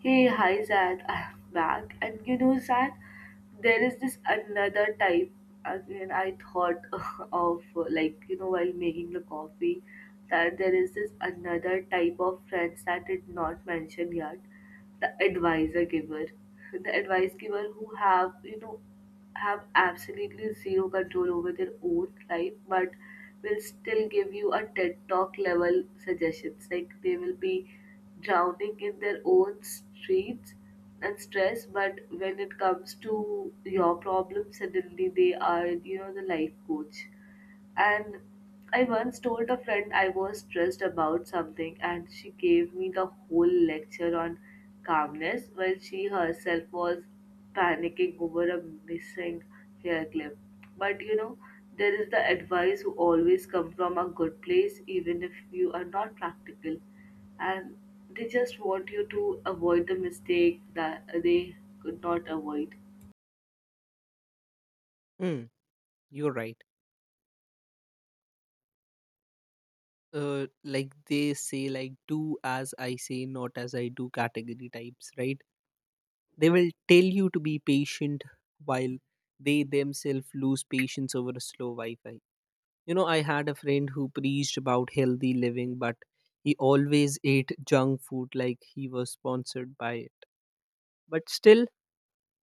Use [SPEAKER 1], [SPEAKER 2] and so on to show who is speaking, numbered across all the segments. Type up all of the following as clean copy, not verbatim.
[SPEAKER 1] Hey, hi Zach, I'm back. And you know, Zach, there is this another type. Again, I thought of like you know while making the coffee that there is this another type of friends that did not mention yet. The advisor giver, the advice giver who have you know have absolutely zero control over their own life, but will still give you a TED Talk level suggestions. Like they will be drowning in their own streets and stress, but when it comes to your problem, suddenly they are, you know, the life coach. And I once told a friend I was stressed about something, and she gave me the whole lecture on calmness while she herself was panicking over a missing hair clip. But you know, there is the advice who always come from a good place, even if you are not practical, and they just want you to avoid the mistake that they could not avoid.
[SPEAKER 2] Mm, you're right. Like they say, like do as I say, not as I do category types, right? They will tell you to be patient while they themselves lose patience over a slow Wi Fi. You know, I had a friend who preached about healthy living, but he always ate junk food like he was sponsored by it. But still,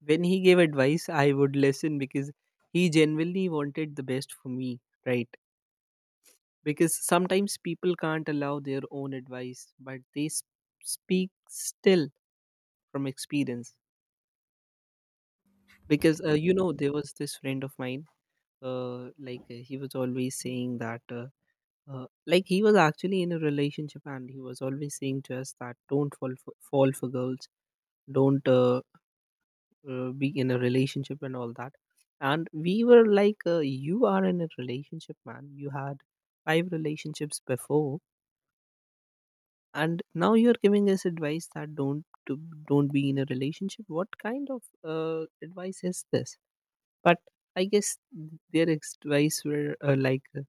[SPEAKER 2] when he gave advice, I would listen because he genuinely wanted the best for me, right? Because sometimes people can't allow their own advice but they speak still from experience. Because you know, there was this friend of mine. He was always saying that he was actually in a relationship, and he was always saying to us that don't fall for girls, don't be in a relationship and all that. And we were like, you are in a relationship, man, you had five relationships before, and now you're giving us advice that don't be in a relationship. What kind of advice is this? But I guess their advice were,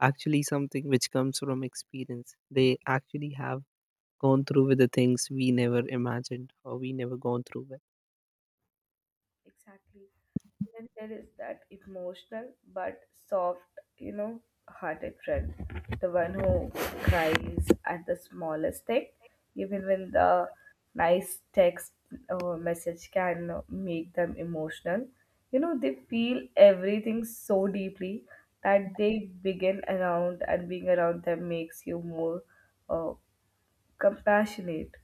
[SPEAKER 2] actually something which comes from experience. They actually have gone through with the things we never imagined, or we never gone through with.
[SPEAKER 1] Exactly. Then there is that emotional but soft, you know, hearted friend. The one who cries at the smallest thing, even when the nice text or message can make them emotional. You know, they feel everything so deeply that they begin around and being around them makes you more uh, compassionate,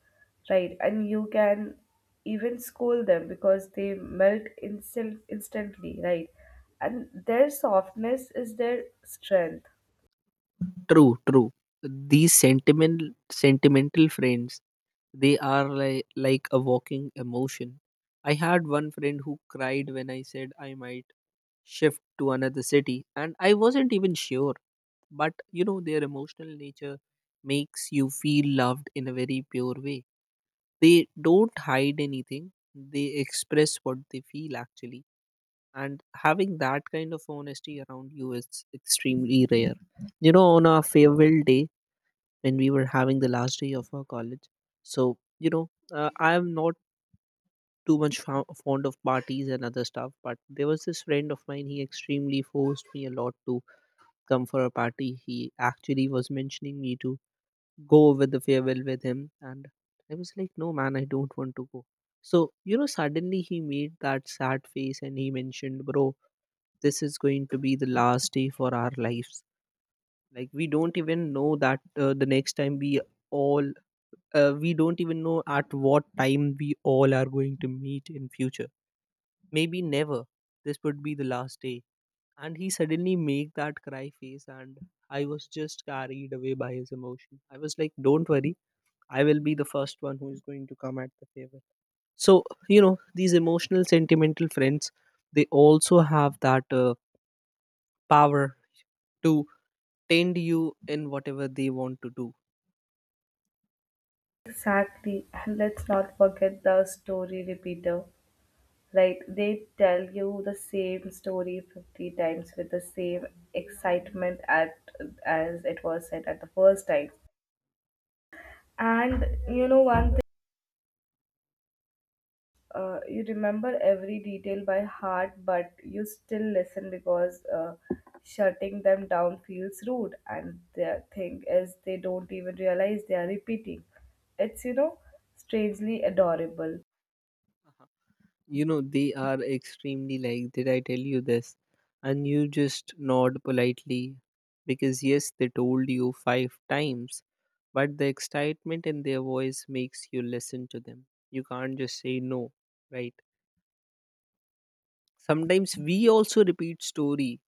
[SPEAKER 1] right? And you can even scold them because they melt instantly, right? And their softness is their strength.
[SPEAKER 2] True, true. These sentimental friends, they are like a walking emotion. I had one friend who cried when I said I might shift to another city, and I wasn't even sure. But you know, their emotional nature makes you feel loved in a very pure way. They don't hide anything, they express what they feel actually. And having that kind of honesty around you is extremely rare. You know, on our farewell day, when we were having the last day of our college, so you know, I am not too much fond of parties and other stuff. But there was this friend of mine, he extremely forced me a lot to come for a party. He actually was mentioning me to go with the farewell with him. And I was like, no man, I don't want to go. So you know, suddenly he made that sad face, and he mentioned, bro, this is going to be the last day for our lives. Like, we don't even know that, the next time all we don't even know at what time we all are going to meet in future, maybe never. This would be the last day. And he suddenly make that cry face, and I was just carried away by his emotion. I was like, don't worry, I will be the first one who is going to come at the favor. So you know, these emotional sentimental friends, they also have that power to tend you in whatever they want to do.
[SPEAKER 1] Exactly. And let's not forget the story repeater. Like they tell you the same story 50 times with the same excitement at as it was said at the first time. And you know one you remember every detail by heart, but you still listen because shutting them down feels rude. And the thing is, they don't even realize they are repeating. It's, you know, strangely adorable.
[SPEAKER 2] You know, they are extremely like, did I tell you this? And you just nod politely because, yes, they told you 5 times, but the excitement in their voice makes you listen to them. You can't just say no, right? Sometimes we also repeat story,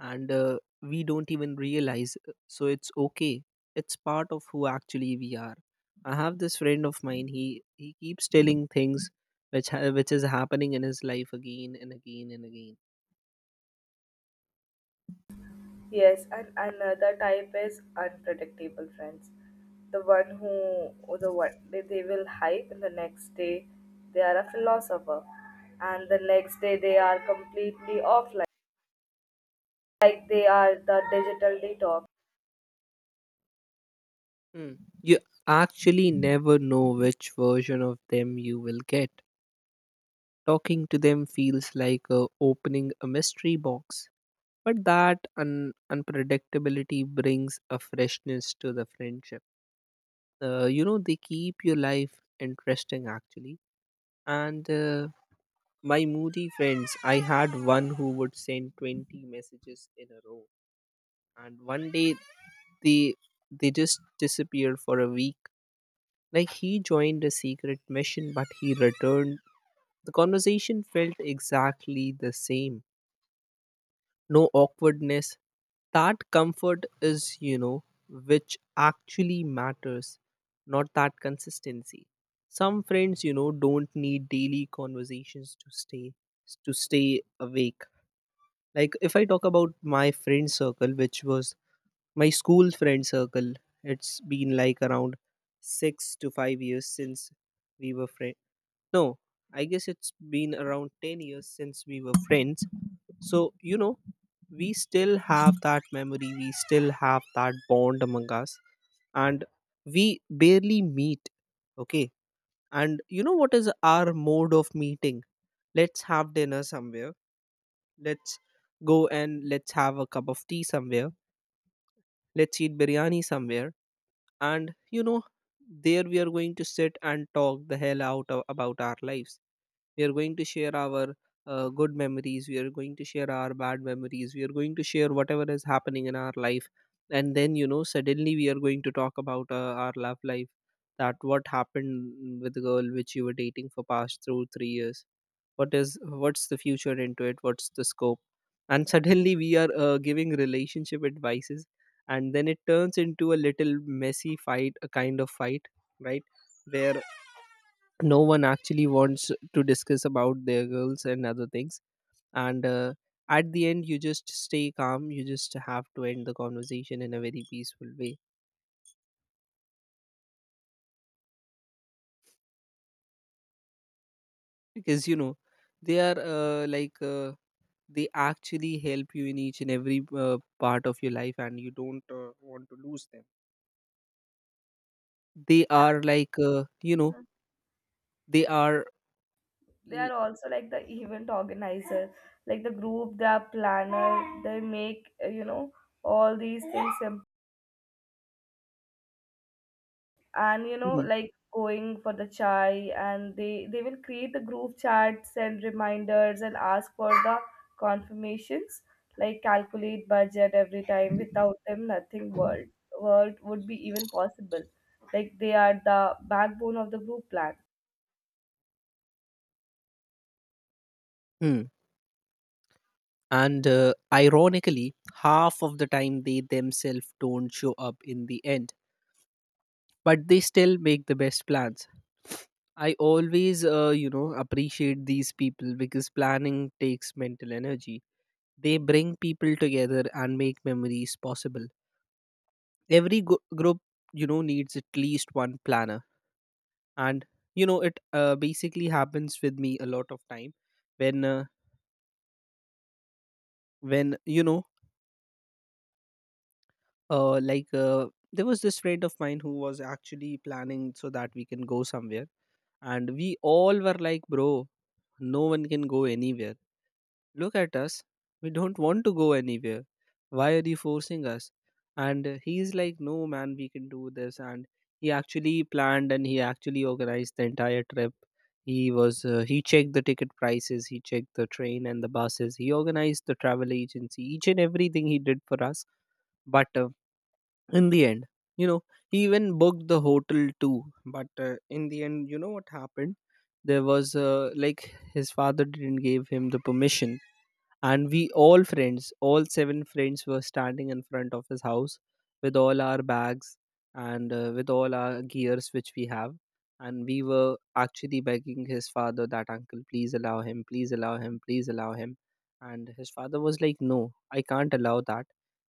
[SPEAKER 2] and we don't even realize, so it's okay. It's part of who actually we are. I have this friend of mine, he keeps telling things which is happening in his life again and again and again.
[SPEAKER 1] Yes, and another type is unpredictable friends. The one who, or the one they will hype, and the next day they are a philosopher, and the next day they are completely offline, like they are the digital
[SPEAKER 2] Hmm. You actually never know which version of them you will get. Talking to them feels like opening a mystery box, but that unpredictability brings a freshness to the friendship. You know, they keep your life interesting actually. And my moody friends, I had one who would send 20 messages in a row, and one day they they just disappeared for a week. Like, he joined a secret mission, but he returned, the conversation felt exactly the same, no awkwardness. That comfort is, you know, which actually matters, not that consistency. Some friends, you know, don't need daily conversations to stay awake. Like, if I talk about my friend circle, which was my school friend circle, it's been like around 6 to 5 years since we were friends. No, I guess it's been around 10 years since we were friends. So, you know, we still have that memory, we still have that bond among us, and we barely meet. Okay. And you know what is our mode of meeting? Let's have dinner somewhere. Let's go and let's have a cup of tea somewhere. Let's eat biryani somewhere. And, you know, there we are going to sit and talk the hell about our lives. We are going to share our good memories. We are going to share our bad memories. We are going to share whatever is happening in our life. And then, you know, suddenly we are going to talk about our love life, that what happened with the girl which you were dating for past through 3 years. What's the future into it? What's the scope? And suddenly we are giving relationship advices, and then it turns into a little messy fight, a kind of fight, right? Where no one actually wants to discuss about their girls and other things. And at the end, you just stay calm, you just have to end the conversation in a very peaceful way, because you know, they are, they actually help you in each and every part of your life, and you don't want to lose them. They are like, you know,
[SPEAKER 1] detox.
[SPEAKER 2] they are
[SPEAKER 1] They
[SPEAKER 2] l-
[SPEAKER 1] are also like the event organizer, like the group, they are planner. They make you know, all these things simple. And you know,
[SPEAKER 2] Mm.
[SPEAKER 1] like going for the chai, and they will create the group chats and reminders and ask for the confirmations, like calculate budget every time. Without them nothing world would be even possible, like they are the backbone of the group plan.
[SPEAKER 2] Mm. And ironically, half of the time they themselves don't show up in the end, but they still make the best plans. I always, you know, appreciate these people, because planning takes mental energy. They bring people together and make memories possible. Every group, you know, needs at least one planner. And you know, it basically happens with me a lot of time. When, uh, when you know, like There was this friend of mine who was actually planning so that we can go somewhere. And we all were like, bro, no one can go anywhere. Look at us. We don't want to go anywhere. Why are you forcing us? And he's like, no man, we can do this. And he actually planned, and he actually organized the entire trip. He checked the ticket prices, he checked the train and the buses, he organized the travel agency, each and everything he did for us. But in the end, you know, he even booked the hotel too. But in the end, you know what happened? There was, his father didn't give him the permission. And we all friends all seven friends were standing in front of his house with all our bags and with all our gears which we have. And we were actually begging his father that, uncle, please allow him, please allow him, please allow him. And his father was like, no, I can't allow that,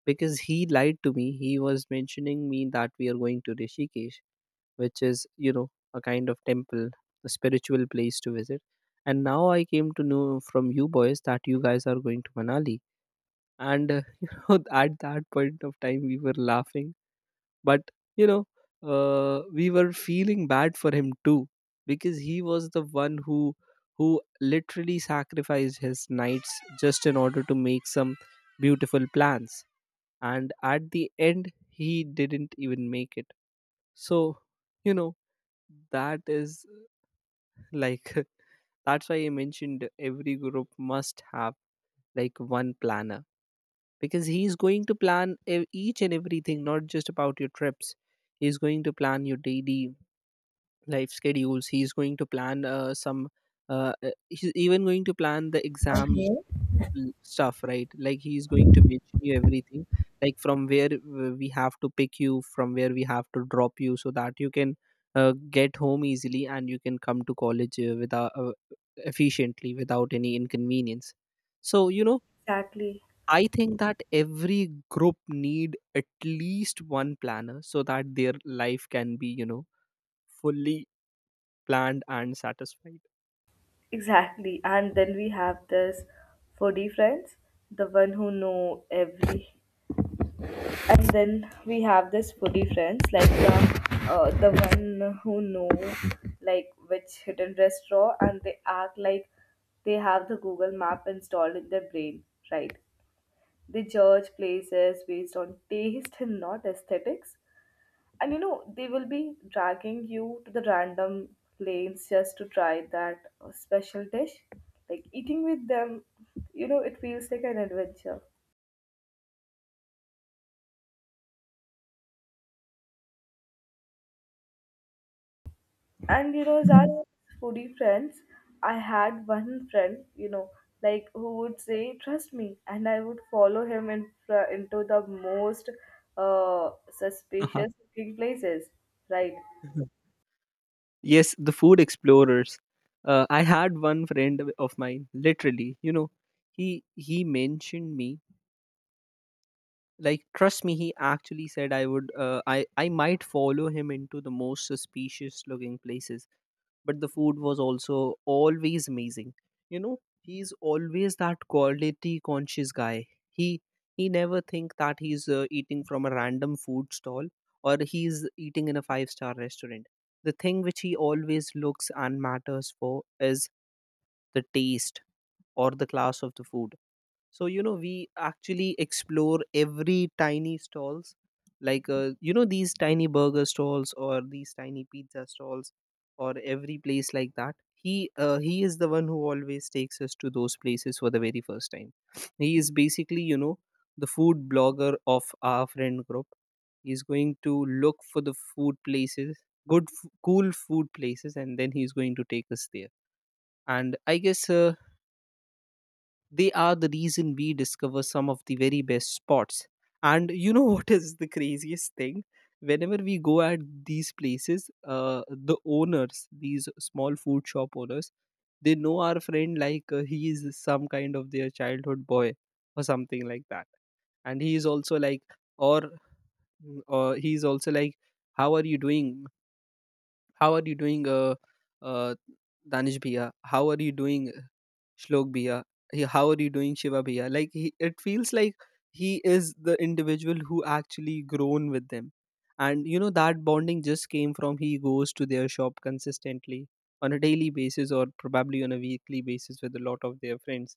[SPEAKER 2] because he lied to me. He was mentioning me that we are going to Rishikesh, which is, you know, a kind of temple, a spiritual place to visit. And now I came to know from you boys that you guys are going to Manali. And you know, at that point of time we were laughing, but you know, we were feeling bad for him too, because he was the one who who literally sacrificed his nights just in order to make some beautiful plans. And at the end, he didn't even make it. So you know, that is like, that's why I mentioned every group must have like one planner. Because he's going to plan each and everything, not just about your trips. He's going to plan your daily life schedules. He's going to plan, some he's even going to plan the exam stuff, right? Like, he's going to mention you everything, like from where we have to pick you, from where we have to drop you, so that you can get home easily, and you can come to college, without efficiently, without any inconvenience. So you know,
[SPEAKER 1] Exactly.
[SPEAKER 2] I think that every group need at least one planner so that their life can be, you know, fully planned and satisfied.
[SPEAKER 1] Exactly. And then we have this foodie friends, the one who know every. And then we have this foodie friends, like the one who know like which hidden restaurant, and they act like they have the Google map installed in their brain, right? They judge places based on taste and not aesthetics, and you know they will be dragging you to the random lanes just to try that special dish. Like eating with them, you know, it feels like an adventure. And you know, as foodie friends, I had one friend, you know, like who would say trust me, and I would follow him into the most suspicious looking places, right?
[SPEAKER 2] Yes, the food explorers. I had one friend of mine, literally. You know, he mentioned me. Like, trust me, he actually said I would. I might follow him into the most suspicious looking places, but the food was also always amazing. You know, he's always that quality conscious guy. He never think that he's eating from a random food stall, or he's eating in a five-star restaurant. The thing which he always looks and matters for is the taste or the class of the food. So you know we actually explore every tiny stalls, like you know, these tiny burger stalls or these tiny pizza stalls or every place like that. He is the one who always takes us to those places for the very first time. He is basically, you know, the food blogger of our friend group. He's going to look for the food places, good cool food places, and then he's going to take us there. And I guess, they are the reason we discover some of the very best spots. And you know what is the craziest thing? Whenever we go at these places, the owners, these small food shop owners, they know our friend like he is some kind of their childhood boy or something like that. And he is also like, or or he's also like, how are you doing, how are you doing, uh, Danish Bhaiya? How are you doing, Shlok Bhaiya? How are you doing, Shiva Bhaiya? Like it feels like he is the individual who actually grown with them, and you know that bonding just came from he goes to their shop consistently on a daily basis or probably on a weekly basis with a lot of their friends.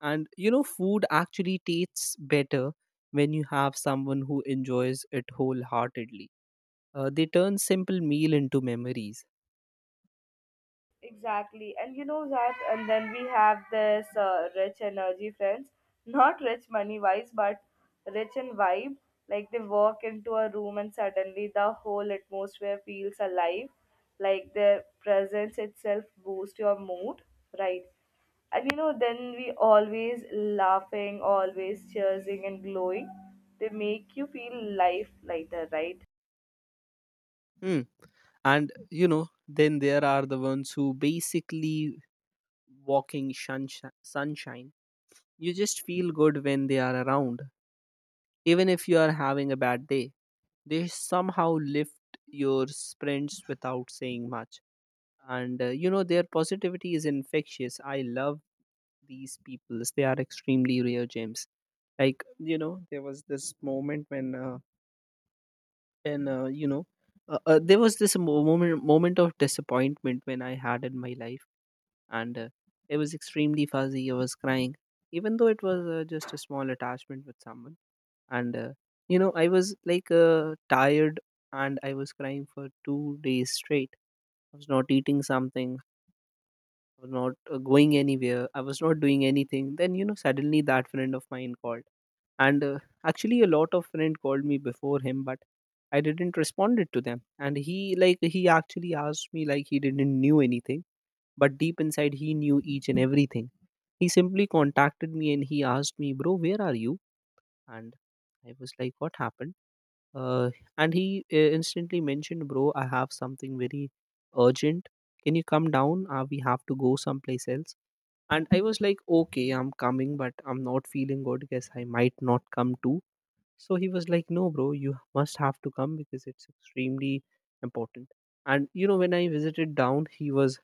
[SPEAKER 2] And you know, food actually tastes better when you have someone who enjoys it wholeheartedly. They turn simple meal into memories.
[SPEAKER 1] Exactly. And you know that, and then we have this rich energy friends, not rich money wise, but rich in vibe. Like they walk into a room and suddenly the whole atmosphere feels alive. Like their presence itself boosts your mood, right? And you know, then we always laughing, always cheersing and glowing. They make you feel life lighter, right?
[SPEAKER 2] Hmm. And you know, then there are the ones who basically walking sunshine. You just feel good when they are around, even if you are having a bad day. They somehow lift your sprints without saying much. And you know, their positivity is infectious. I love these people. They are extremely rare gems. Like you know, there was this moment when, when uh, you know, there was this moment of disappointment when I had in my life. And it was extremely fuzzy. I was crying, even though it was just a small attachment with someone. And you know, I was like tired, and I was crying for 2 days straight. I was not eating something. I was not going anywhere. I was not doing anything. Then you know, suddenly that friend of mine called, and actually a lot of friend called me before him, but I didn't responded to them. And he actually asked me like he didn't knew anything, but deep inside, he knew each and everything. He simply contacted me and he asked me, "Bro, where are you?" And I was like, "What happened?" Uh, and he instantly mentioned, "Bro, I have something very urgent. Can you come down? We have to go someplace else." And I was like, "Okay, I'm coming, but I'm not feeling good. Guess I might not come too." So he was like, "No, bro, you must have to come because it's extremely important." And you know, when I visited down, he was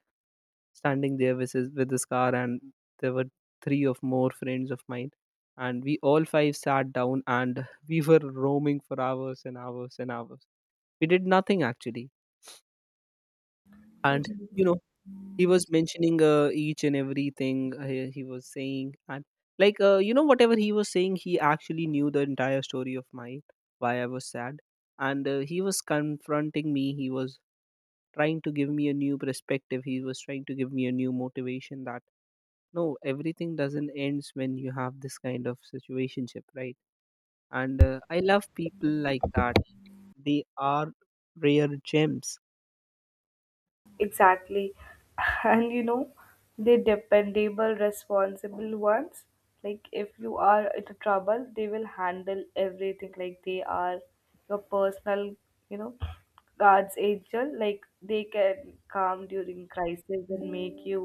[SPEAKER 2] standing there with his car, and there were three of more friends of mine, and we all five sat down, and we were roaming for hours and hours and hours. We did nothing actually. And you know, he was mentioning, each and everything. He was saying, and like, you know, whatever he was saying, he actually knew the entire story of mine, why I was sad. And he was confronting me. He was trying to give me a new perspective. He was trying to give me a new motivation that no, everything doesn't ends when you have this kind of situationship, right? And I love people like that. They are rare gems.
[SPEAKER 1] Exactly. And you know, they dependable, responsible ones. Like if you are in trouble, they will handle everything. Like they are your personal, you know, God's angel. Like they can calm during crisis and make you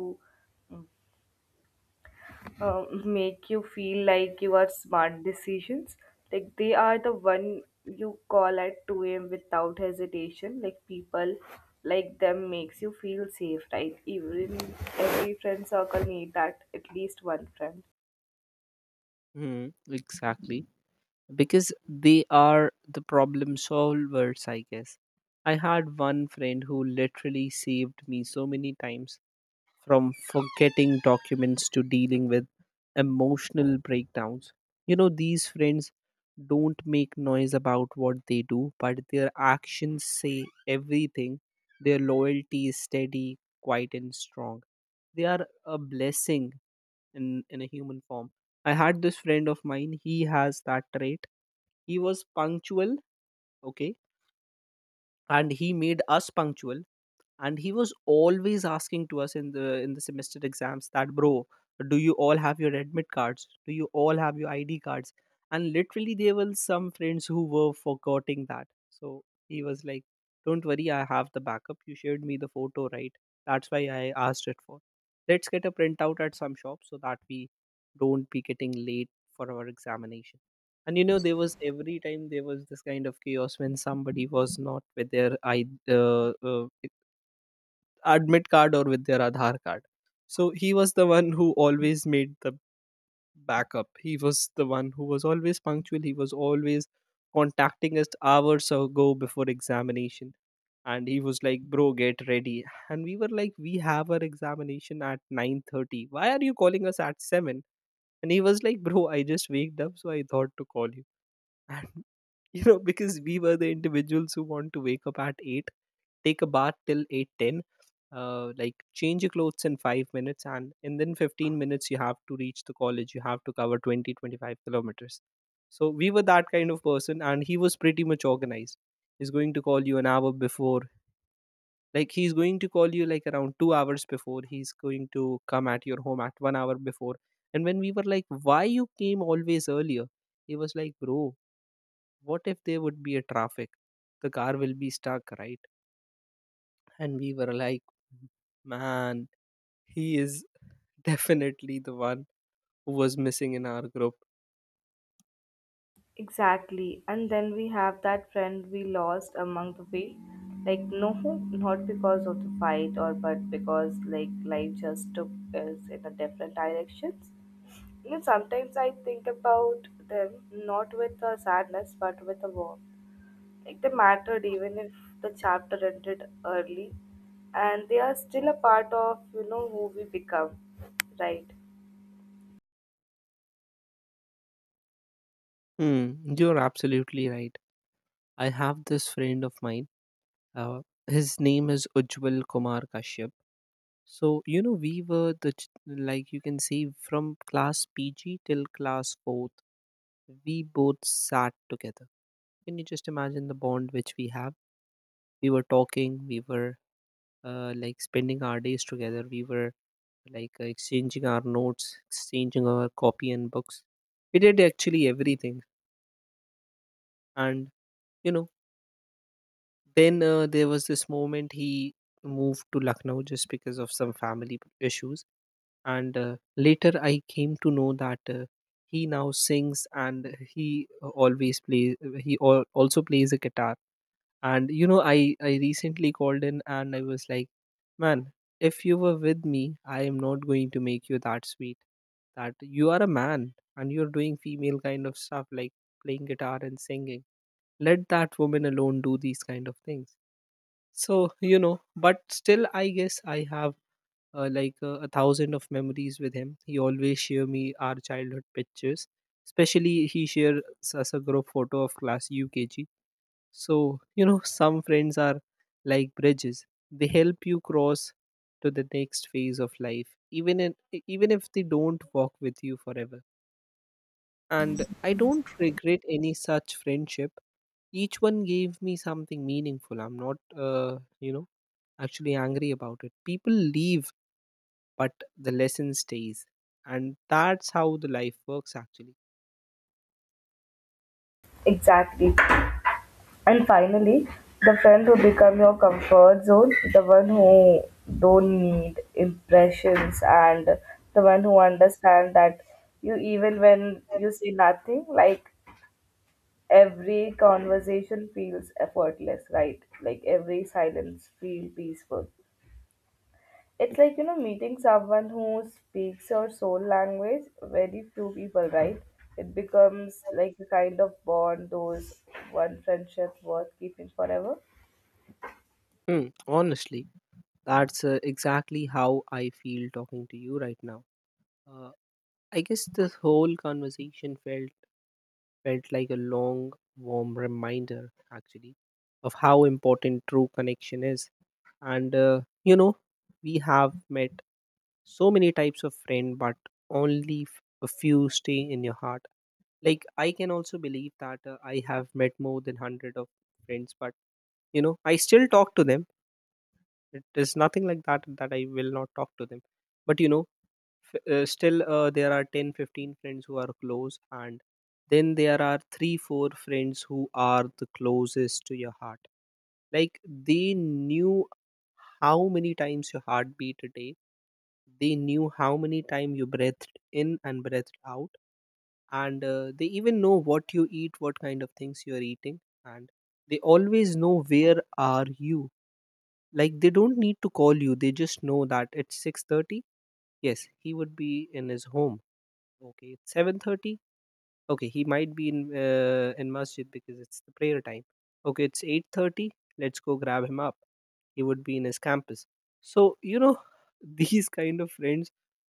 [SPEAKER 1] uh, make you feel like you are smart decisions. Like they are the one you call at 2 a.m. without hesitation. Like people like them makes you feel safe, right? Even every friend circle need that at least one friend.
[SPEAKER 2] Mhm, exactly, because they are the problem solvers, I guess. I had one friend who literally saved me so many times, from forgetting documents to dealing with emotional breakdowns. You know, these friends don't make noise about what they do, but their actions say everything. Their loyalty is steady, quiet, and strong. They are a blessing in a human form. I had this friend of mine, he has that trait. He was punctual, okay, and he made us punctual, and he was always asking to us in the semester exams that, "Bro, do you all have your admit cards? Do you all have your id cards?" And literally there were some friends who were forgetting that. So he was like, "Don't worry, I have the backup. You shared me the photo, right? That's why I asked it for. Let's get a printout at some shop so that we don't be getting late for our examination." And you know, there was every time there was this kind of chaos when somebody was not with their admit card or with their Aadhaar card. So he was the one who always made the backup. He was the one who was always punctual. He was always contacting us hours ago before examination. And he was like, "Bro, get ready." And we were like, "We have our examination at 9:30. Why are you calling us at 7?" And he was like, "Bro, I just waked up, so I thought to call you." And you know, because we were the individuals who want to wake up at 8, take a bath till 8:10, like change your clothes in 5 minutes, and then 15 minutes you have to reach the college, you have to cover 20, 25 kilometers. So we were that kind of person, and he was pretty much organized. He's going to call you an hour before. Like he's going to call you like around 2 hours before. He's going to come at your home at 1 hour before. And when we were like, "Why you came always earlier?" He was like, "Bro, what if there would be a traffic, the car will be stuck, right?" And we were like, man, he is definitely the one who was missing in our group.
[SPEAKER 1] Exactly. And then we have that friend we lost among the way. Like no, not because of the fight or, but because like life just took us in a different directions. You know, sometimes I think about them not with a sadness but with a warmth. Like they mattered even if the chapter ended early, and they are still a part of, you know, who we become. Right.
[SPEAKER 2] Hmm, you're absolutely right. I have this friend of mine, uh, his name is Ujjwal Kumar Kashyap. So you know, we were the like you can say, from class pg till class 4th, we both sat together. Can you just imagine the bond which we have? We were talking, we were, like, spending our days together. We were like, exchanging our notes, exchanging our copy and books. We did actually everything. And, you know, then there was this moment, he moved to Lucknow just because of some family issues. And later I came to know that he now sings, and he always plays, he also plays a guitar. And you know, I recently called in and I was like, "Man, if you were with me, I am not going to make you that sweet, that you are a man and you're doing female kind of stuff, like playing guitar and singing. Let that woman alone do these kind of things." So you know, but still I guess I have, a thousand of memories with him. He always share me our childhood pictures. Especially he shares us a group photo of class ukg. So, you know, some friends are like bridges. They help you cross to the next phase of life, even even if they don't walk with you forever. And I don't regret any such friendship. Each one gave me something meaningful. I'm not, you know, actually angry about it. People leave, but the lesson stays, and that's how the life works. Actually,
[SPEAKER 1] Exactly. And finally, the friend who become your comfort zone, the one who don't need impressions, and the one who understand that you even when you say nothing, like every conversation feels effortless, right? Like every silence feel peaceful. It's like you know meeting someone who speaks your soul language. Very few people, right? It becomes like a kind of bond, those one friendship worth keeping forever.
[SPEAKER 2] hmm, honestly, that's exactly how I feel talking to you right now. Uh, I guess this whole conversation felt like a long, warm reminder, actually, of how important true connection is. And you know, we have met so many types of friend, but only a few stay in your heart. Like I can also believe that I have met more than 100 of friends, but you know, I still talk to them. It is nothing like that that I will not talk to them. But you know, still there are 10, 15 friends who are close, and then there are 3, 4 friends who are the closest to your heart. Like they knew how many times your heart beat a day. They knew how many time you breathed in and breathed out. And they even know what you eat, what kind of things you are eating. And they always know where are you. Like they don't need to call you, they just know that it's 6:30, yes, he would be in his home. Okay, it's 7:30. Okay, he might be in masjid because it's the prayer time. Okay, it's 8:30. Let's go grab him up. He would be in his campus. So, you know, these kind of friends,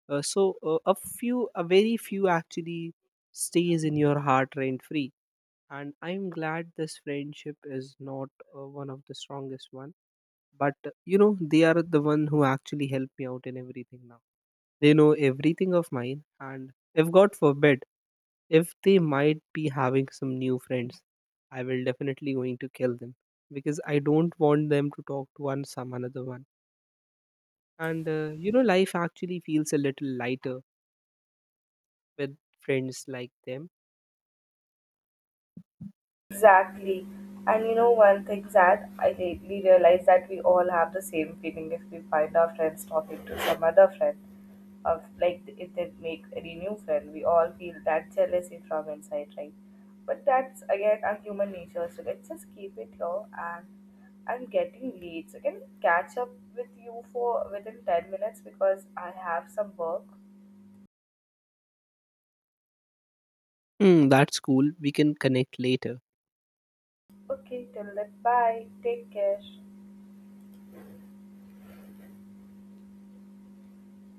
[SPEAKER 2] a few a very few actually stays in your heart rent free. And I'm glad this friendship is not one of the strongest one. But you know, they are the one who actually help me out in everything now. They know everything of mine. And if God forbid, if they might be having some new friends, I will definitely going to kill them, because I don't want them to talk to one some another one. And you know, life actually feels a little lighter with friends like them.
[SPEAKER 1] Exactly. And you know one thing, Zad, I lately realized that we all have the same feeling if we find our friends talking to some other friend. Of like if they make any new friend. We all feel that jealousy from inside, right? But that's again our human nature, so let's just keep it low, and I'm getting late. So can I catch up with you for within 10 minutes because I have some work.
[SPEAKER 2] Hmm, that's cool, we can connect later.
[SPEAKER 1] Okay, till then bye. Take care.